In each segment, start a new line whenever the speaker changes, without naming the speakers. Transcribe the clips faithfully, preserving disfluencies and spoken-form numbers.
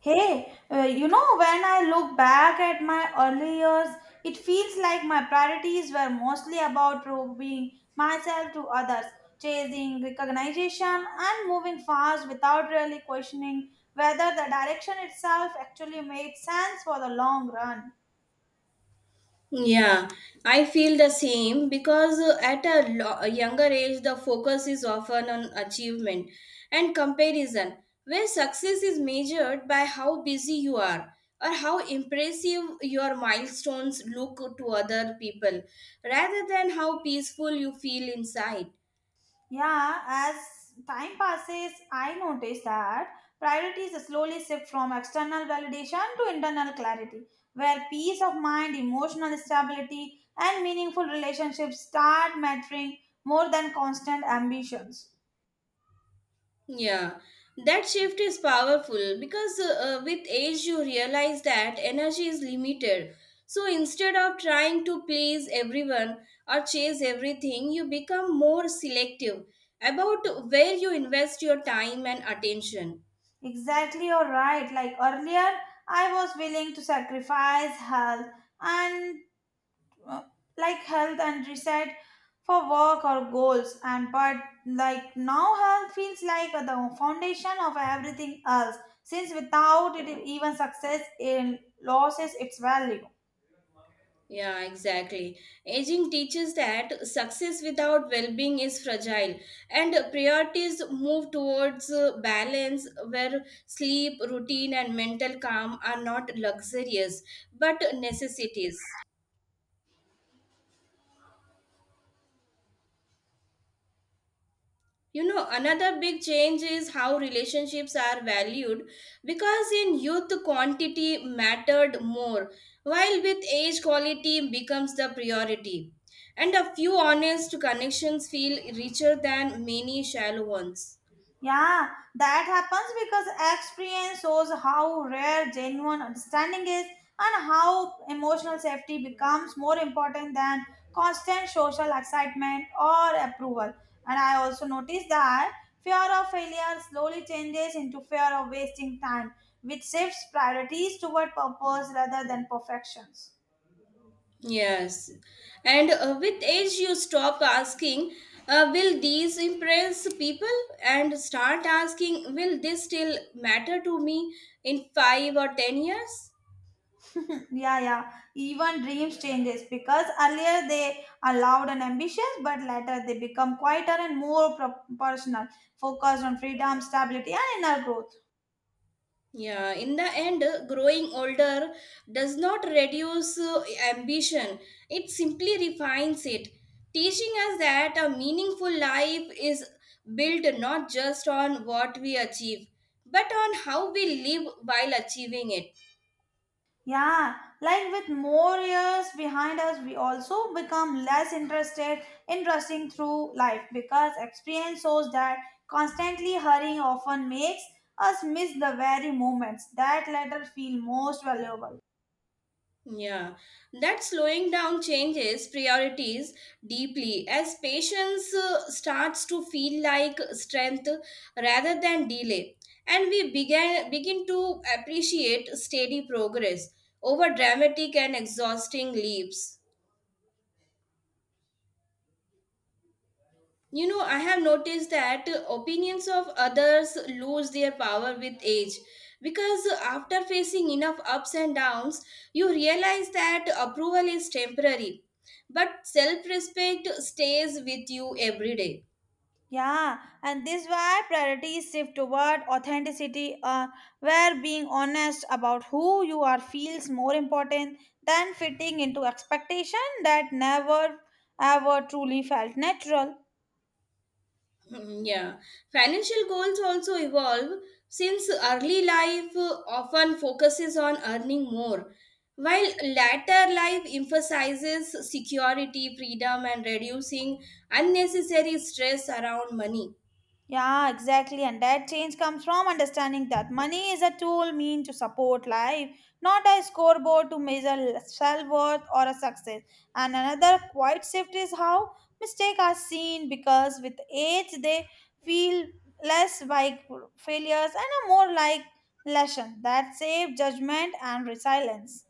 Hey, uh, you know, when I look back at my early years, it feels like my priorities were mostly about proving myself to others, chasing recognition, and moving fast without really questioning whether the direction itself actually made sense for the long run.
Yeah, I feel the same because uh, at a, lo- a younger age, the focus is often on achievement and comparison, where success is measured by how busy you are or how impressive your milestones look to other people rather than how peaceful you feel inside.
Yeah, as time passes, I notice that priorities slowly shift from external validation to internal clarity, where peace of mind, emotional stability, and meaningful relationships start mattering more than constant ambitions.
Yeah, that shift is powerful because uh, uh, with age you realize that energy is limited. So instead of trying to please everyone or chase everything, you become more selective about where you invest your time and attention.
Exactly, you're right. Like earlier, I was willing to sacrifice health and uh, like health and reset for work or goals and but like now health feels like the foundation of everything else since without it even success in loses its value.
Yeah, exactly. Aging teaches that success without well being is fragile, and priorities move towards uh, balance where sleep, routine, and mental calm are not luxurious but necessities. You know, another big change is how relationships are valued because in youth, quantity mattered more, while with age, quality becomes the priority. And a few honest connections feel richer than many shallow ones.
Yeah, that happens because experience shows how rare genuine understanding is and how emotional safety becomes more important than constant social excitement or approval. And I also noticed that fear of failure slowly changes into fear of wasting time, which shifts priorities toward purpose rather than perfections.
Yes. And uh, with age, you stop asking, uh, will these impress people? And start asking, will this still matter to me in five or ten years?
Yeah, yeah. Even dreams changes because earlier they are loud and ambitious, but later they become quieter and more pro- personal, focused on freedom, stability, and inner growth.
Yeah, in the end, uh, growing older does not reduce uh, ambition, it simply refines it, teaching us that a meaningful life is built not just on what we achieve, but on how we live while achieving it.
Yeah, like with more years behind us, we also become less interested in rushing through life because experience shows that constantly hurrying often makes us miss the very moments that later feel most valuable.
Yeah, that slowing down changes priorities deeply as patience uh, starts to feel like strength rather than delay, and we began begin to appreciate steady progress over dramatic and exhausting leaps. You know, I have noticed that opinions of others lose their power with age because after facing enough ups and downs, you realize that approval is temporary, but self respect stays with you every day.
Yeah, and this why priorities shift toward authenticity, uh, where being honest about who you are feels more important than fitting into expectation that never ever truly felt natural.
Mm, Yeah, financial goals also evolve since early life uh, often focuses on earning more, while later life emphasizes security, freedom, and reducing unnecessary stress around money.
Yeah, exactly. And that change comes from understanding that money is a tool meant to support life, not a scoreboard to measure self worth or a success. And another quiet shift is how mistakes are seen because with age they feel less like failures and are more like lesson that save judgment and resilience.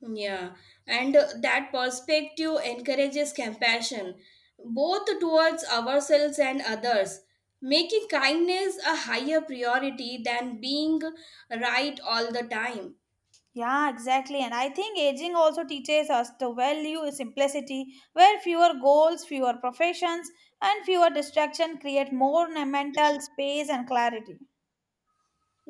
Hmm, Yeah, and uh, that perspective encourages compassion both towards ourselves and others, making kindness a higher priority than being right all the time.
Yeah, exactly. And I think aging also teaches us to value simplicity, where fewer goals, fewer professions, and fewer distractions create more na- mental space and clarity.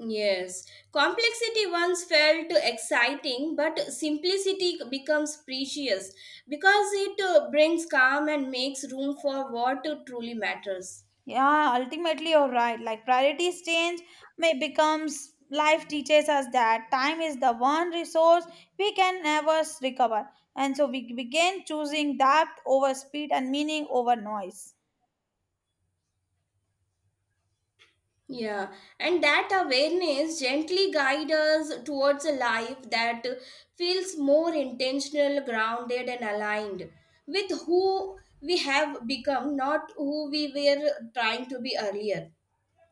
Yes, complexity once felt exciting, but simplicity becomes precious because it uh, brings calm and makes room for what truly matters.
Yeah, ultimately you're right. Like priorities change may becomes life teaches us that time is the one resource we can never s- recover. And so we begin choosing depth over speed and meaning over noise.
Yeah, and that awareness gently guides us towards a life that feels more intentional, grounded, and aligned with who we have become, not who we were trying to be earlier.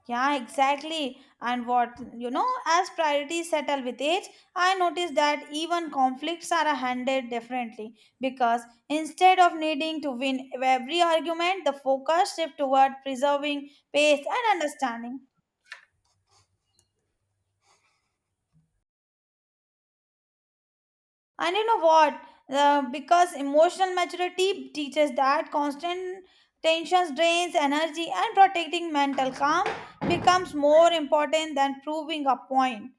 Yeah, exactly. And what, you know, as priorities settle with age, I noticed that even conflicts are handled differently because instead of needing to win every argument, the focus shifts toward preserving pace and understanding. And you know what? Uh, because emotional maturity teaches that constant tensions drains energy and protecting mental calm becomes more important than proving a point.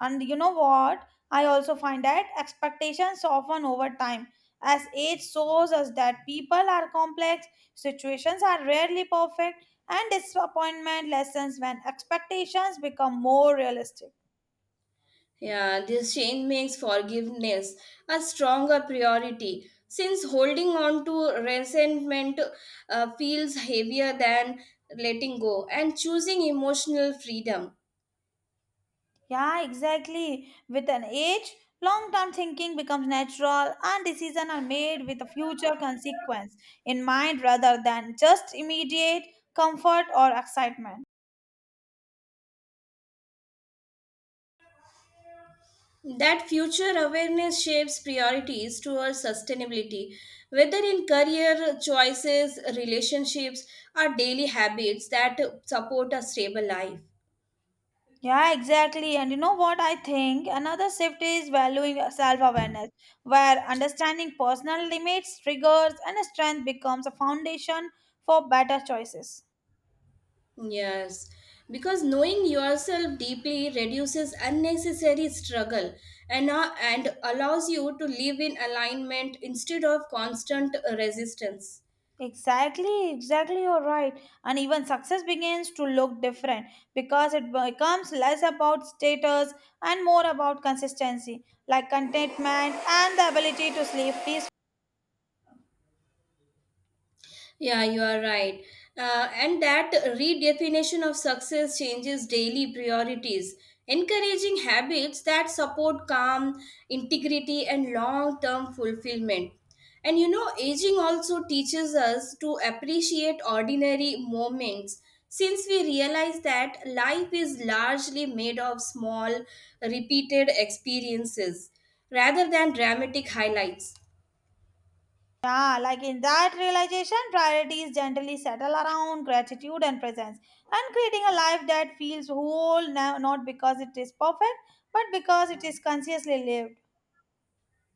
And you know what? I also find that expectations soften over time. As age shows us that people are complex, situations are rarely perfect, and disappointment lessens when expectations become more realistic.
Yeah, this change makes forgiveness a stronger priority since holding on to resentment uh, feels heavier than letting go and choosing emotional freedom.
Yeah, exactly. With an age, long term thinking becomes natural and decisions are made with a future consequence in mind rather than just immediate comfort or excitement.
That future awareness shapes priorities towards sustainability, whether in career choices, relationships, or daily habits that support a stable life.
Yeah, exactly. And you know what I think? Another shift is valuing self awareness, where understanding personal limits, triggers, and strength becomes a foundation for better choices.
Yes, because knowing yourself deeply reduces unnecessary struggle and, uh, and allows you to live in alignment instead of constant uh, resistance.
Exactly, exactly. You're right. And even success begins to look different because it becomes less about status and more about consistency, like contentment and the ability to sleep peacefully.
Yeah, you are right. Uh, and that redefinition of success changes daily priorities, encouraging habits that support calm, integrity, and long term fulfillment. And you know, aging also teaches us to appreciate ordinary moments since we realize that life is largely made of small, repeated experiences rather than dramatic highlights.
Yeah, like in that realization, priorities gently settle around gratitude and presence and creating a life that feels whole, no- not because it is perfect, but because it is consciously lived.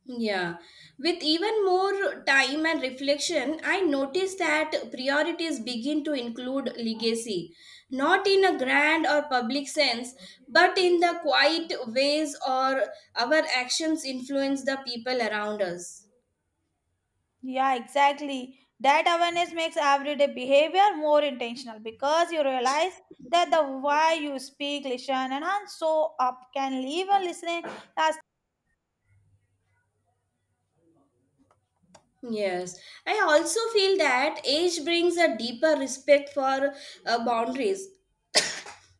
Yeah, with even more time and reflection, I noticed that priorities begin to include legacy, not in a grand or public sense, but in the quiet ways or our actions influence the people around us.
Yeah, exactly. That awareness makes everyday behavior more intentional because you realize that the why you speak, listen, and how show up can even listening, uh,
Yes, I also feel that age brings a deeper respect for uh, boundaries,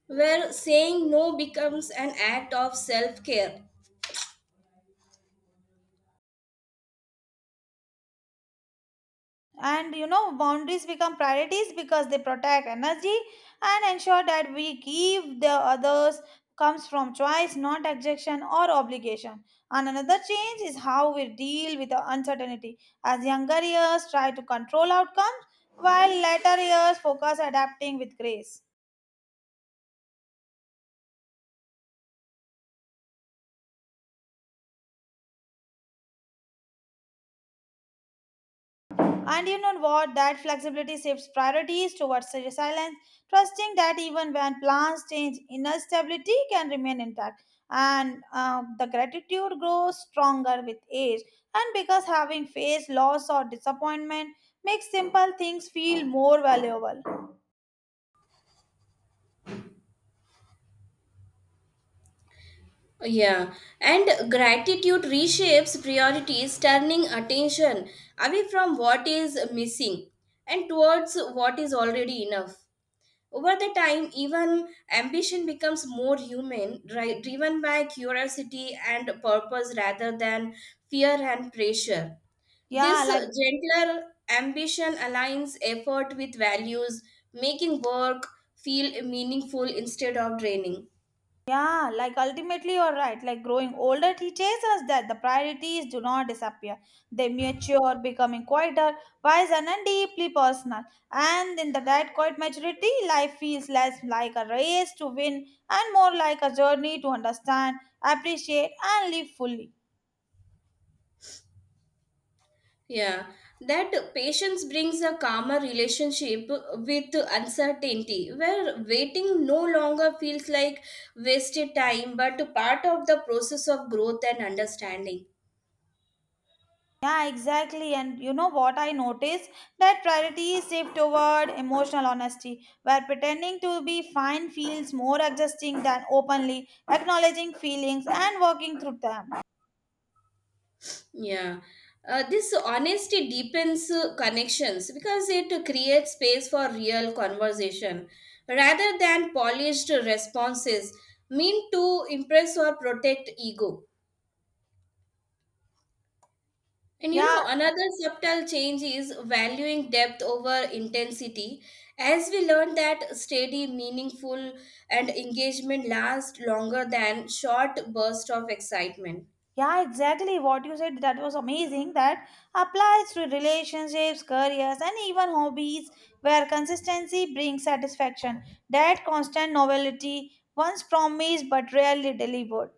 where saying no becomes an act of self care.
and you know boundaries become priorities because they protect energy and ensure that we give the others comes from choice not objection or obligation and another change is how we deal with the uncertainty as younger years try to control outcomes while later years focus adapting with grace. And you know what? That flexibility shifts priorities towards resilience, trusting that even when plans change, inner stability can remain intact. And uh, the gratitude grows stronger with age. And because having faced loss or disappointment makes simple things feel more valuable.
Yeah, and gratitude reshapes priorities, turning attention away from what is missing and towards what is already enough. Over the time, even ambition becomes more human, dri- driven by curiosity and purpose rather than fear and pressure.
Yeah,
This
like
gentler ambition aligns effort with values, making work feel meaningful instead of draining.
Yeah, like ultimately you're right. Like growing older teaches us that the priorities do not disappear. They mature, becoming quieter, wiser, and deeply personal. And in the that quiet maturity, life feels less like a race to win and more like a journey to understand, appreciate, and live fully.
Yeah, that patience brings a calmer relationship with uncertainty, where waiting no longer feels like wasted time but part of the process of growth and understanding.
Yeah, exactly. And you know what I noticed? That priorities shift toward emotional honesty, where pretending to be fine feels more adjusting than openly acknowledging feelings and working through them.
Yeah. Uh, this honesty deepens uh, connections because it creates space for real conversation rather than polished responses meant to impress or protect ego. And you
Yeah,
know, another subtle change is valuing depth over intensity. As we learn that steady, meaningful, and engagement last longer than short bursts of excitement.
yeah, exactly. What you said that was amazing. That applies to relationships, careers, and even hobbies, where consistency brings satisfaction. That constant novelty, once promised but rarely delivered.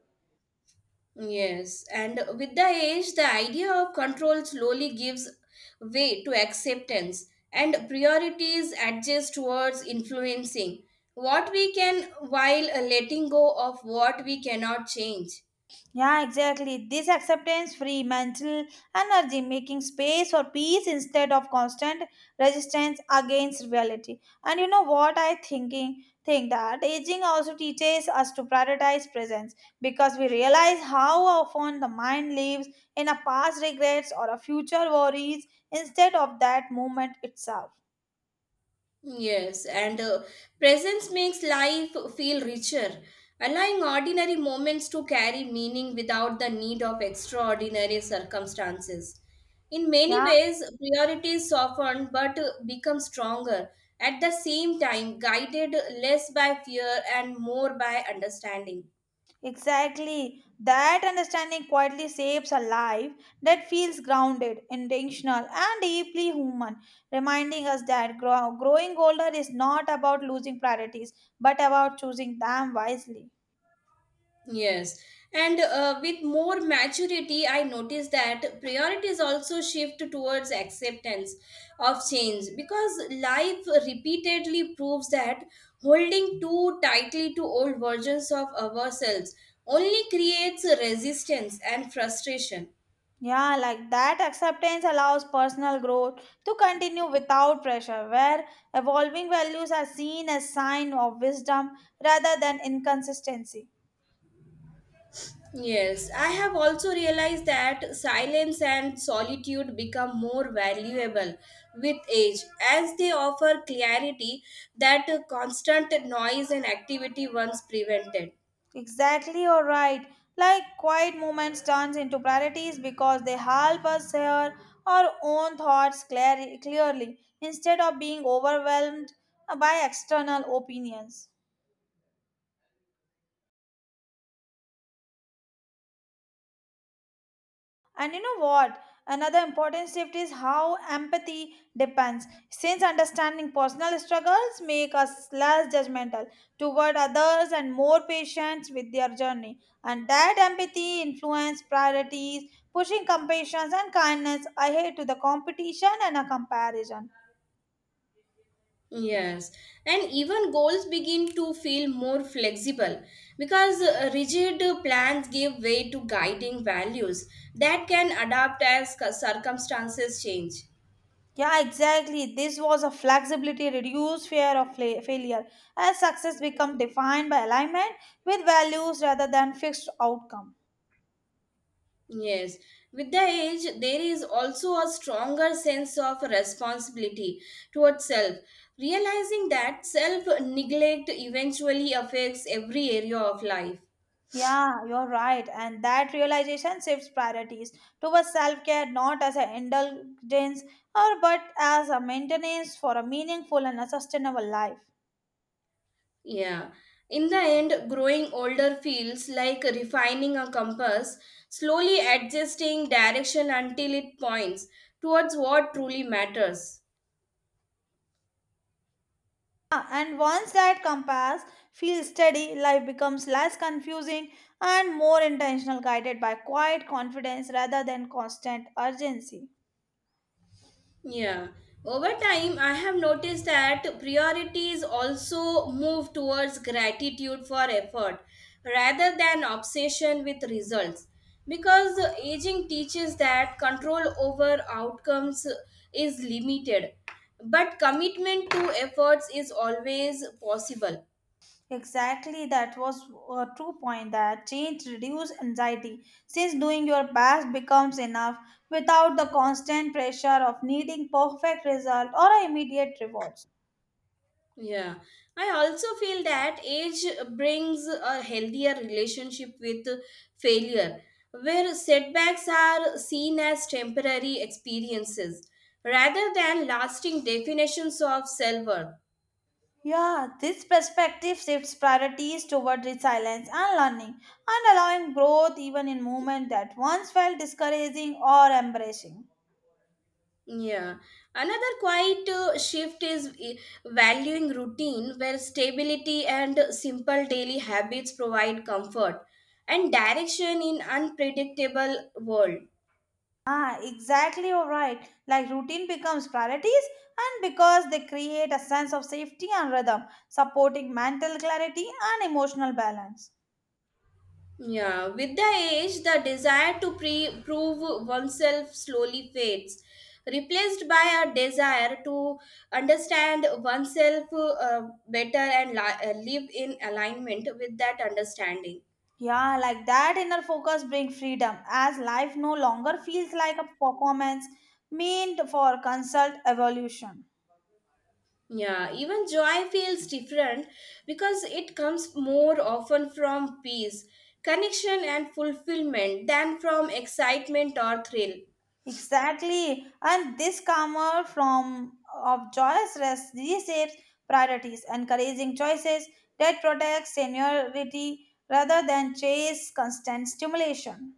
Yes, and with the age, the idea of control slowly gives way to acceptance, and priorities adjust towards influencing what we can while letting go of what we cannot change.
Yeah, exactly. This acceptance free mental energy, making space for peace instead of constant resistance against reality. And you know what I thinking think that aging also teaches us to prioritize presence because we realize how often the mind lives in a past regrets or a future worries instead of that moment itself.
Yes, and uh, presence makes life feel richer, allowing ordinary moments to carry meaning without the need of extraordinary circumstances. In many
Yeah.
ways, priorities soften but uh, become stronger, at the same time, guided less by fear and more by understanding.
Exactly. That understanding quietly shapes a life that feels grounded, intentional, and deeply human, reminding us that grow- growing older is not about losing priorities, but about choosing them wisely.
Yes. And uh, with more maturity, I notice that priorities also shift towards acceptance of change because life repeatedly proves that holding too tightly to old versions of ourselves only creates resistance and frustration.
Yeah, like that acceptance allows personal growth to continue without pressure, where evolving values are seen as sign of wisdom rather than inconsistency.
Yes, I have also realized that silence and solitude become more valuable with age as they offer clarity that uh, constant noise and activity once prevented.
Exactly, you're right. Like quiet moments turns into priorities because they help us hear our own thoughts clar- clearly instead of being overwhelmed by external opinions. And you know what? Another important shift is how empathy depends. Since understanding personal struggles make us less judgmental toward others and more patient with their journey. And that empathy influence priorities, pushing compassion and kindness ahead to the competition and a comparison.
Yes, and even goals begin to feel more flexible because uh, rigid uh, plans give way to guiding values that can adapt as circumstances change.
Yeah, exactly. This was a flexibility, reduced fear of fla- failure, as success become defined by alignment with values rather than fixed outcome.
Yes, with the age, there is also a stronger sense of responsibility towards self, realizing that self neglect eventually affects every area of life.
Yeah, you're right. And that realization shifts priorities towards self care not as an indulgence or but as a maintenance for a meaningful and a sustainable life.
Yeah, in the end, growing older feels like refining a compass, slowly adjusting direction until it points towards what truly matters.
Yeah, and once that compass feels steady, life becomes less confusing and more intentional, guided by quiet confidence rather than constant urgency.
Yeah. Over time, I have noticed that priorities also move towards gratitude for effort rather than obsession with results. Because aging teaches that control over outcomes is limited, but commitment to efforts is always possible.
Exactly, that was a true point that change reduces anxiety since doing your best becomes enough without the constant pressure of needing perfect result or immediate rewards.
Yeah, I also feel that age brings a healthier relationship with failure, where setbacks are seen as temporary experiences rather than lasting definitions of self worth.
Yeah, this perspective shifts priorities toward resilience and learning and allowing growth even in moments that once felt discouraging or embarrassing.
Yeah, another quiet uh, shift is eh, valuing routine, where stability and simple daily habits provide comfort and direction in unpredictable world.
Ah, exactly, you're right. Like routine becomes priorities, and because they create a sense of safety and rhythm, supporting mental clarity and emotional balance.
Yeah, with the age, the desire to pre- prove oneself slowly fades, replaced by a desire to understand oneself uh, better and li- uh, live in alignment with that understanding.
Yeah, like that inner focus brings freedom as life no longer feels like a performance meant for consult evolution.
Yeah, even joy feels different because it comes more often from peace, connection, and fulfillment than from excitement or thrill.
Exactly. And this karma from of joyous rest reshapes priorities, encouraging choices that protect seniority rather than chase constant stimulation.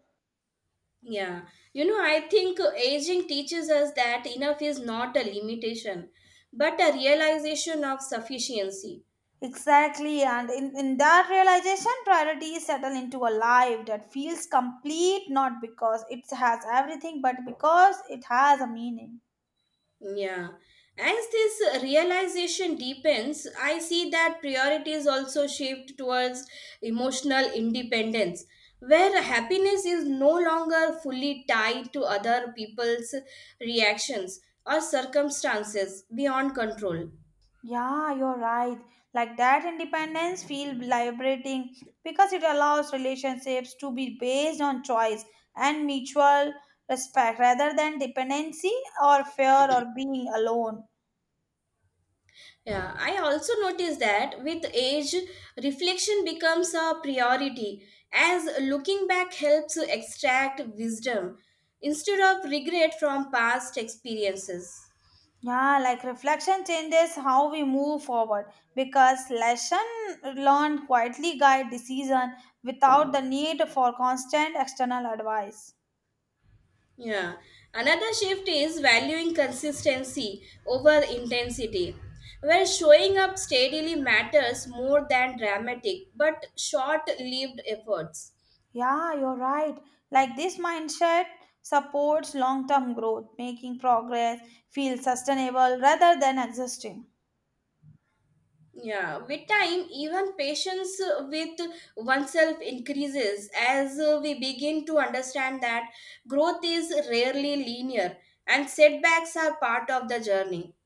Yeah, you know, I think aging teaches us that enough is not a limitation, but a realization of sufficiency.
Exactly. And in, in that realization, priorities settle into a life that feels complete not because it has everything, but because it has a meaning.
Yeah, as this realization deepens, I see that priorities also shift towards emotional independence, where happiness is no longer fully tied to other people's reactions or circumstances beyond control.
Yeah, you're right. Like that independence feel liberating because it allows relationships to be based on choice and mutual respect rather than dependency or fear or being alone.
Yeah, I also noticed that with age, reflection becomes a priority as looking back helps to extract wisdom instead of regret from past experiences.
Yeah, like reflection changes how we move forward because lesson learned quietly guide decision without the need for constant external advice.
Yeah, another shift is valuing consistency over intensity, where showing up steadily matters more than dramatic but short lived efforts.
Yeah, you're right. Like this mindset supports long term growth, making progress feel sustainable rather than existing.
Yeah, with time, even patience uh, with oneself increases as uh, we begin to understand that growth is rarely linear and setbacks are part of the journey.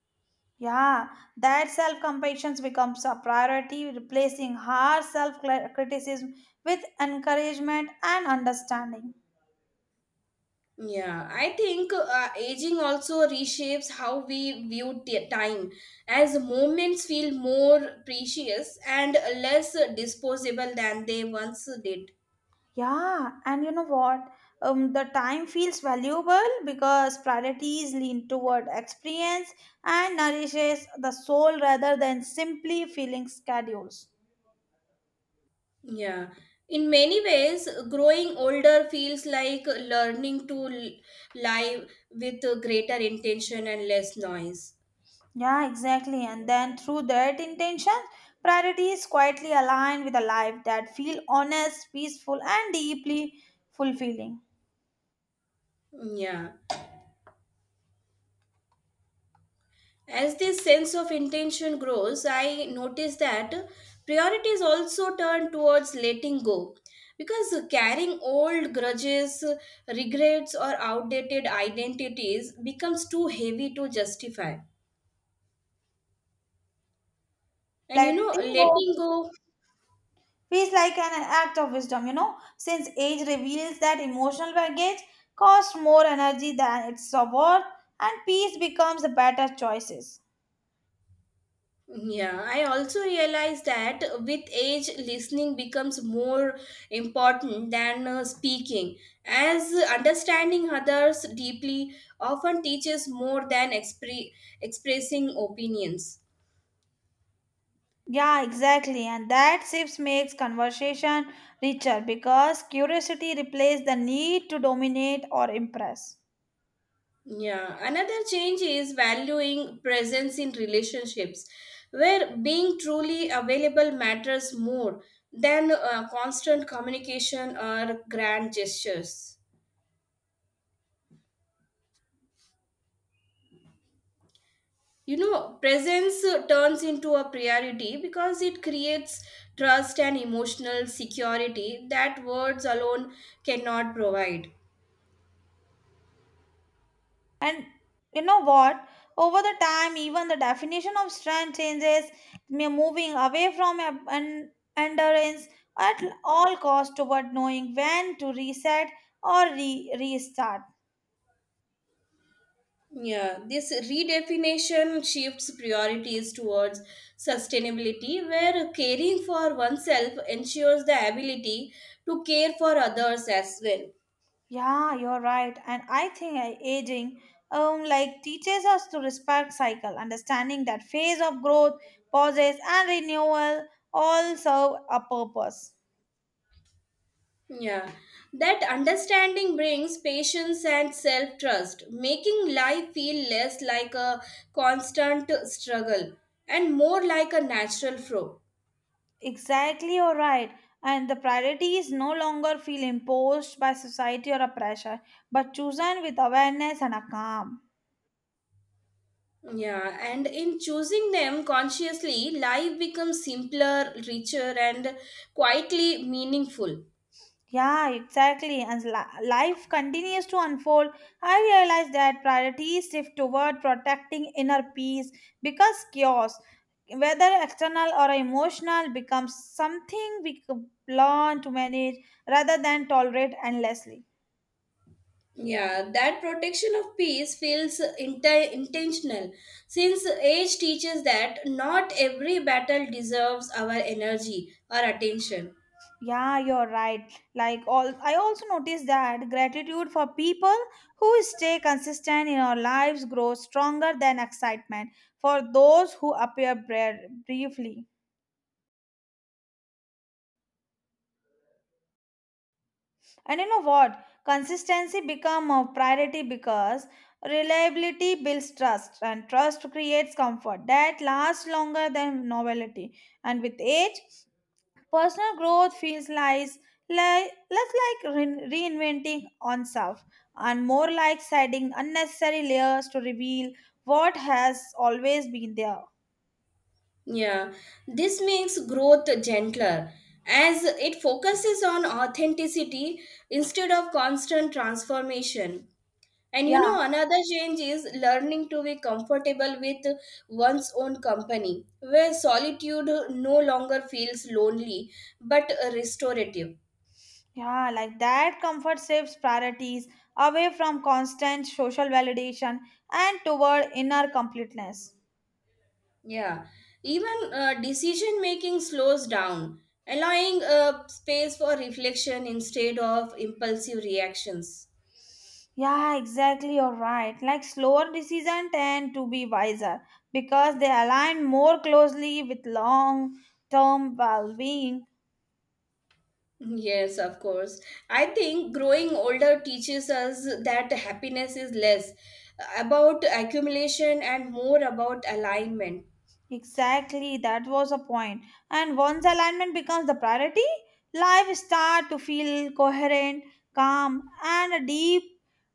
Yeah, that self compassion becomes a priority, replacing harsh self criticism with encouragement and understanding.
Yeah, I think uh, aging also reshapes how we view t- time as moments feel more precious and less disposable than they once did.
Yeah, and you know what? Um, the time feels valuable because priorities lean toward experience and nourishes the soul rather than simply filling schedules.
Yeah, in many ways, growing older feels like learning to l- live with a greater intention and less noise.
Yeah, exactly. And then through that intention, priorities quietly align with a life that feel honest, peaceful, and deeply fulfilling.
Yeah, as this sense of intention grows, I notice that priorities also turn towards letting go because carrying old grudges, regrets, or outdated identities becomes too heavy to justify. And you know,
Letting go
letting go.
feels like an act of wisdom, you know, since age reveals that emotional baggage costs more energy than it's worth, and peace becomes the better choices.
Yeah, I also realize that with age, listening becomes more important than uh, speaking, as understanding others deeply often teaches more than expre- expressing opinions.
Yeah, exactly. And that shift makes conversation richer because curiosity replaces the need to dominate or impress.
Yeah, another change is valuing presence in relationships, where being truly available matters more than uh, constant communication or grand gestures. You know, presence uh, turns into a priority because it creates trust and emotional security that words alone cannot provide.
And you know what? Over the time, even the definition of strength changes, me moving away from ab- an endurance at all cost toward knowing when to reset or re- restart.
Yeah, this redefinition shifts priorities towards sustainability where caring for oneself ensures the ability to care for others as well.
Yeah, you're right. And I think I- aging um like teaches us to respect cycle, understanding that phase of growth, pauses and renewal all serve a purpose.
Yeah, that understanding brings patience and self trust, making life feel less like a constant struggle and more like a natural flow.
Exactly, you're right. And the priorities no longer feel imposed by society or a pressure, but chosen with awareness and a calm.
Yeah, and in choosing them consciously, life becomes simpler, richer, and quietly meaningful.
Yeah, exactly. As li- life continues to unfold, I realize that priorities shift toward protecting inner peace because chaos, whether external or emotional, becomes something we c- learn to manage rather than tolerate endlessly.
Yeah, that protection of peace feels inti- intentional since age teaches that not every battle deserves our energy or attention.
Yeah, you're right. Like all I also noticed that gratitude for people who stay consistent in our lives grows stronger than excitement for those who appear bra- briefly. And you know what? Consistency become a priority because reliability builds trust and trust creates comfort that lasts longer than novelty. And with age, personal growth feels lies, like less like re- reinventing oneself and more like shedding unnecessary layers to reveal what has always been there.
Yeah, this makes growth gentler as it focuses on authenticity instead of constant transformation. And you
Yeah,
know, another change is learning to be comfortable with one's own company, where solitude no longer feels lonely but restorative.
yeah, like that comfort shifts priorities away from constant social validation and toward inner completeness.
Yeah, even uh, decision making slows down, allowing uh, space for reflection instead of impulsive reactions.
Yeah, exactly, you're right. Like slower decisions tend to be wiser because they align more closely with long term well being.
Yes, of course. I think growing older teaches us that happiness is less about accumulation and more about alignment.
Exactly, that was a point. And once alignment becomes the priority, life start to feel coherent, calm, and a deep,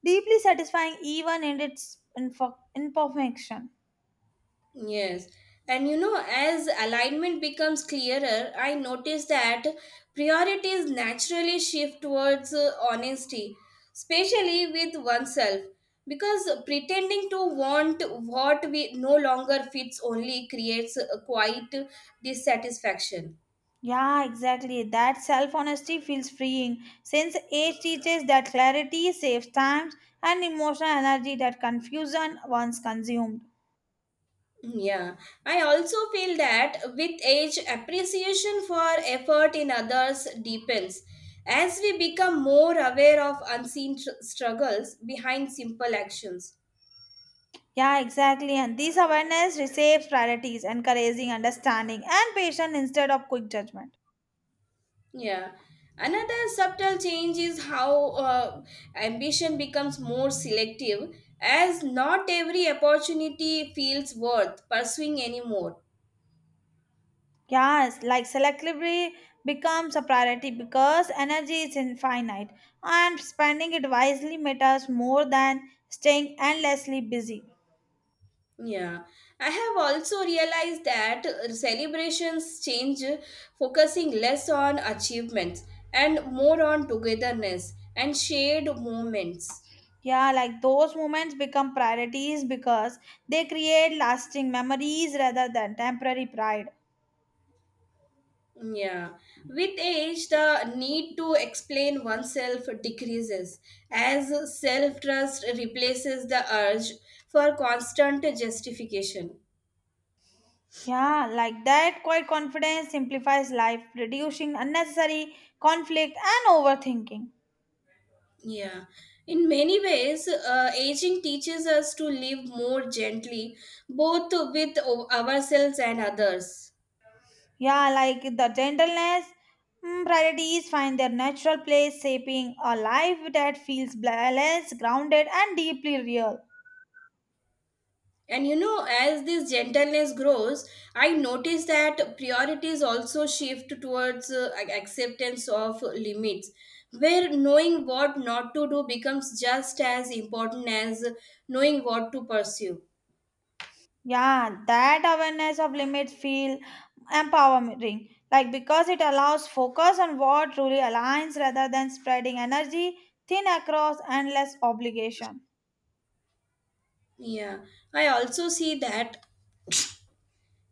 deeply satisfying even in its info- imperfection.
Yes. And you know, as alignment becomes clearer, I notice that priorities naturally shift towards uh, honesty, especially with oneself, because pretending to want what we no longer fits only creates a quiet dissatisfaction.
Yeah, exactly. That self honesty feels freeing since age teaches that clarity saves time and emotional energy that confusion once consumed.
Mm, Yeah, I also feel that with age, appreciation for effort in others deepens. As we become more aware of unseen tr- struggles behind simple actions.
Yeah, exactly. And this awareness receives priorities, encouraging understanding and patience instead of quick judgment.
Yeah. Another subtle change is how uh, ambition becomes more selective, as not every opportunity feels worth pursuing anymore.
Yes, like selectively becomes a priority because energy is infinite and spending it wisely matters more than staying endlessly busy.
Yeah, I have also realized that uh, celebrations change, uh, focusing less on achievements and more on togetherness and shared moments.
Yeah, like those moments become priorities because they create lasting memories rather than temporary pride.
Yeah, with age, the need to explain oneself decreases as self trust replaces the urge for constant justification.
Yeah, like that quiet confidence simplifies life, reducing unnecessary conflict and overthinking.
Yeah, in many ways, uh, aging teaches us to live more gently, both with o- ourselves and others.
Yeah, like the gentleness, mm, priorities find their natural place, shaping a life that feels balanced, grounded, and deeply real.
And you know, as this gentleness grows, I notice that priorities also shift towards uh, ac- acceptance of limits, where knowing what not to do becomes just as important as knowing what to pursue.
Yeah, that awareness of limits feel empowering, like because it allows focus on what truly aligns rather than spreading energy thin across endless obligation.
Yeah, I also see that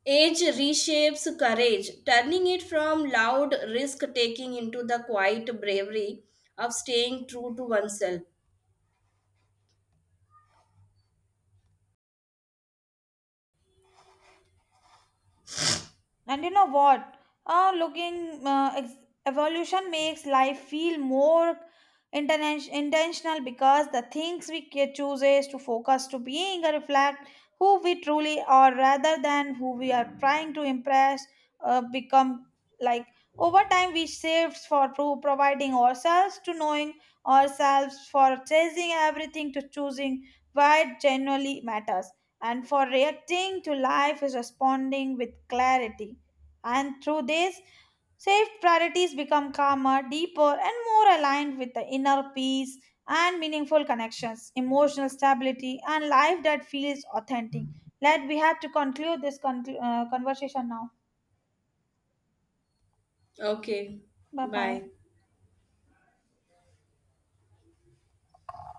Age reshapes courage, turning it from loud risk taking into the quiet bravery of staying true to oneself.
And you know what? Uh, looking uh, ex- evolution makes life feel more interna- intentional because the things we ca- choose is to focus to being a reflect who we truly are rather than who we are trying to impress uh, become like over time we shift for pro- providing ourselves to knowing ourselves for chasing everything to choosing what genuinely matters and for reacting to life is responding with clarity and through this, saved priorities become calmer, deeper, and more aligned with the inner peace and meaningful connections, emotional stability, and life that feels authentic. Let we have to conclude this conclu- uh, conversation now.
Okay,
Bye bye.
bye.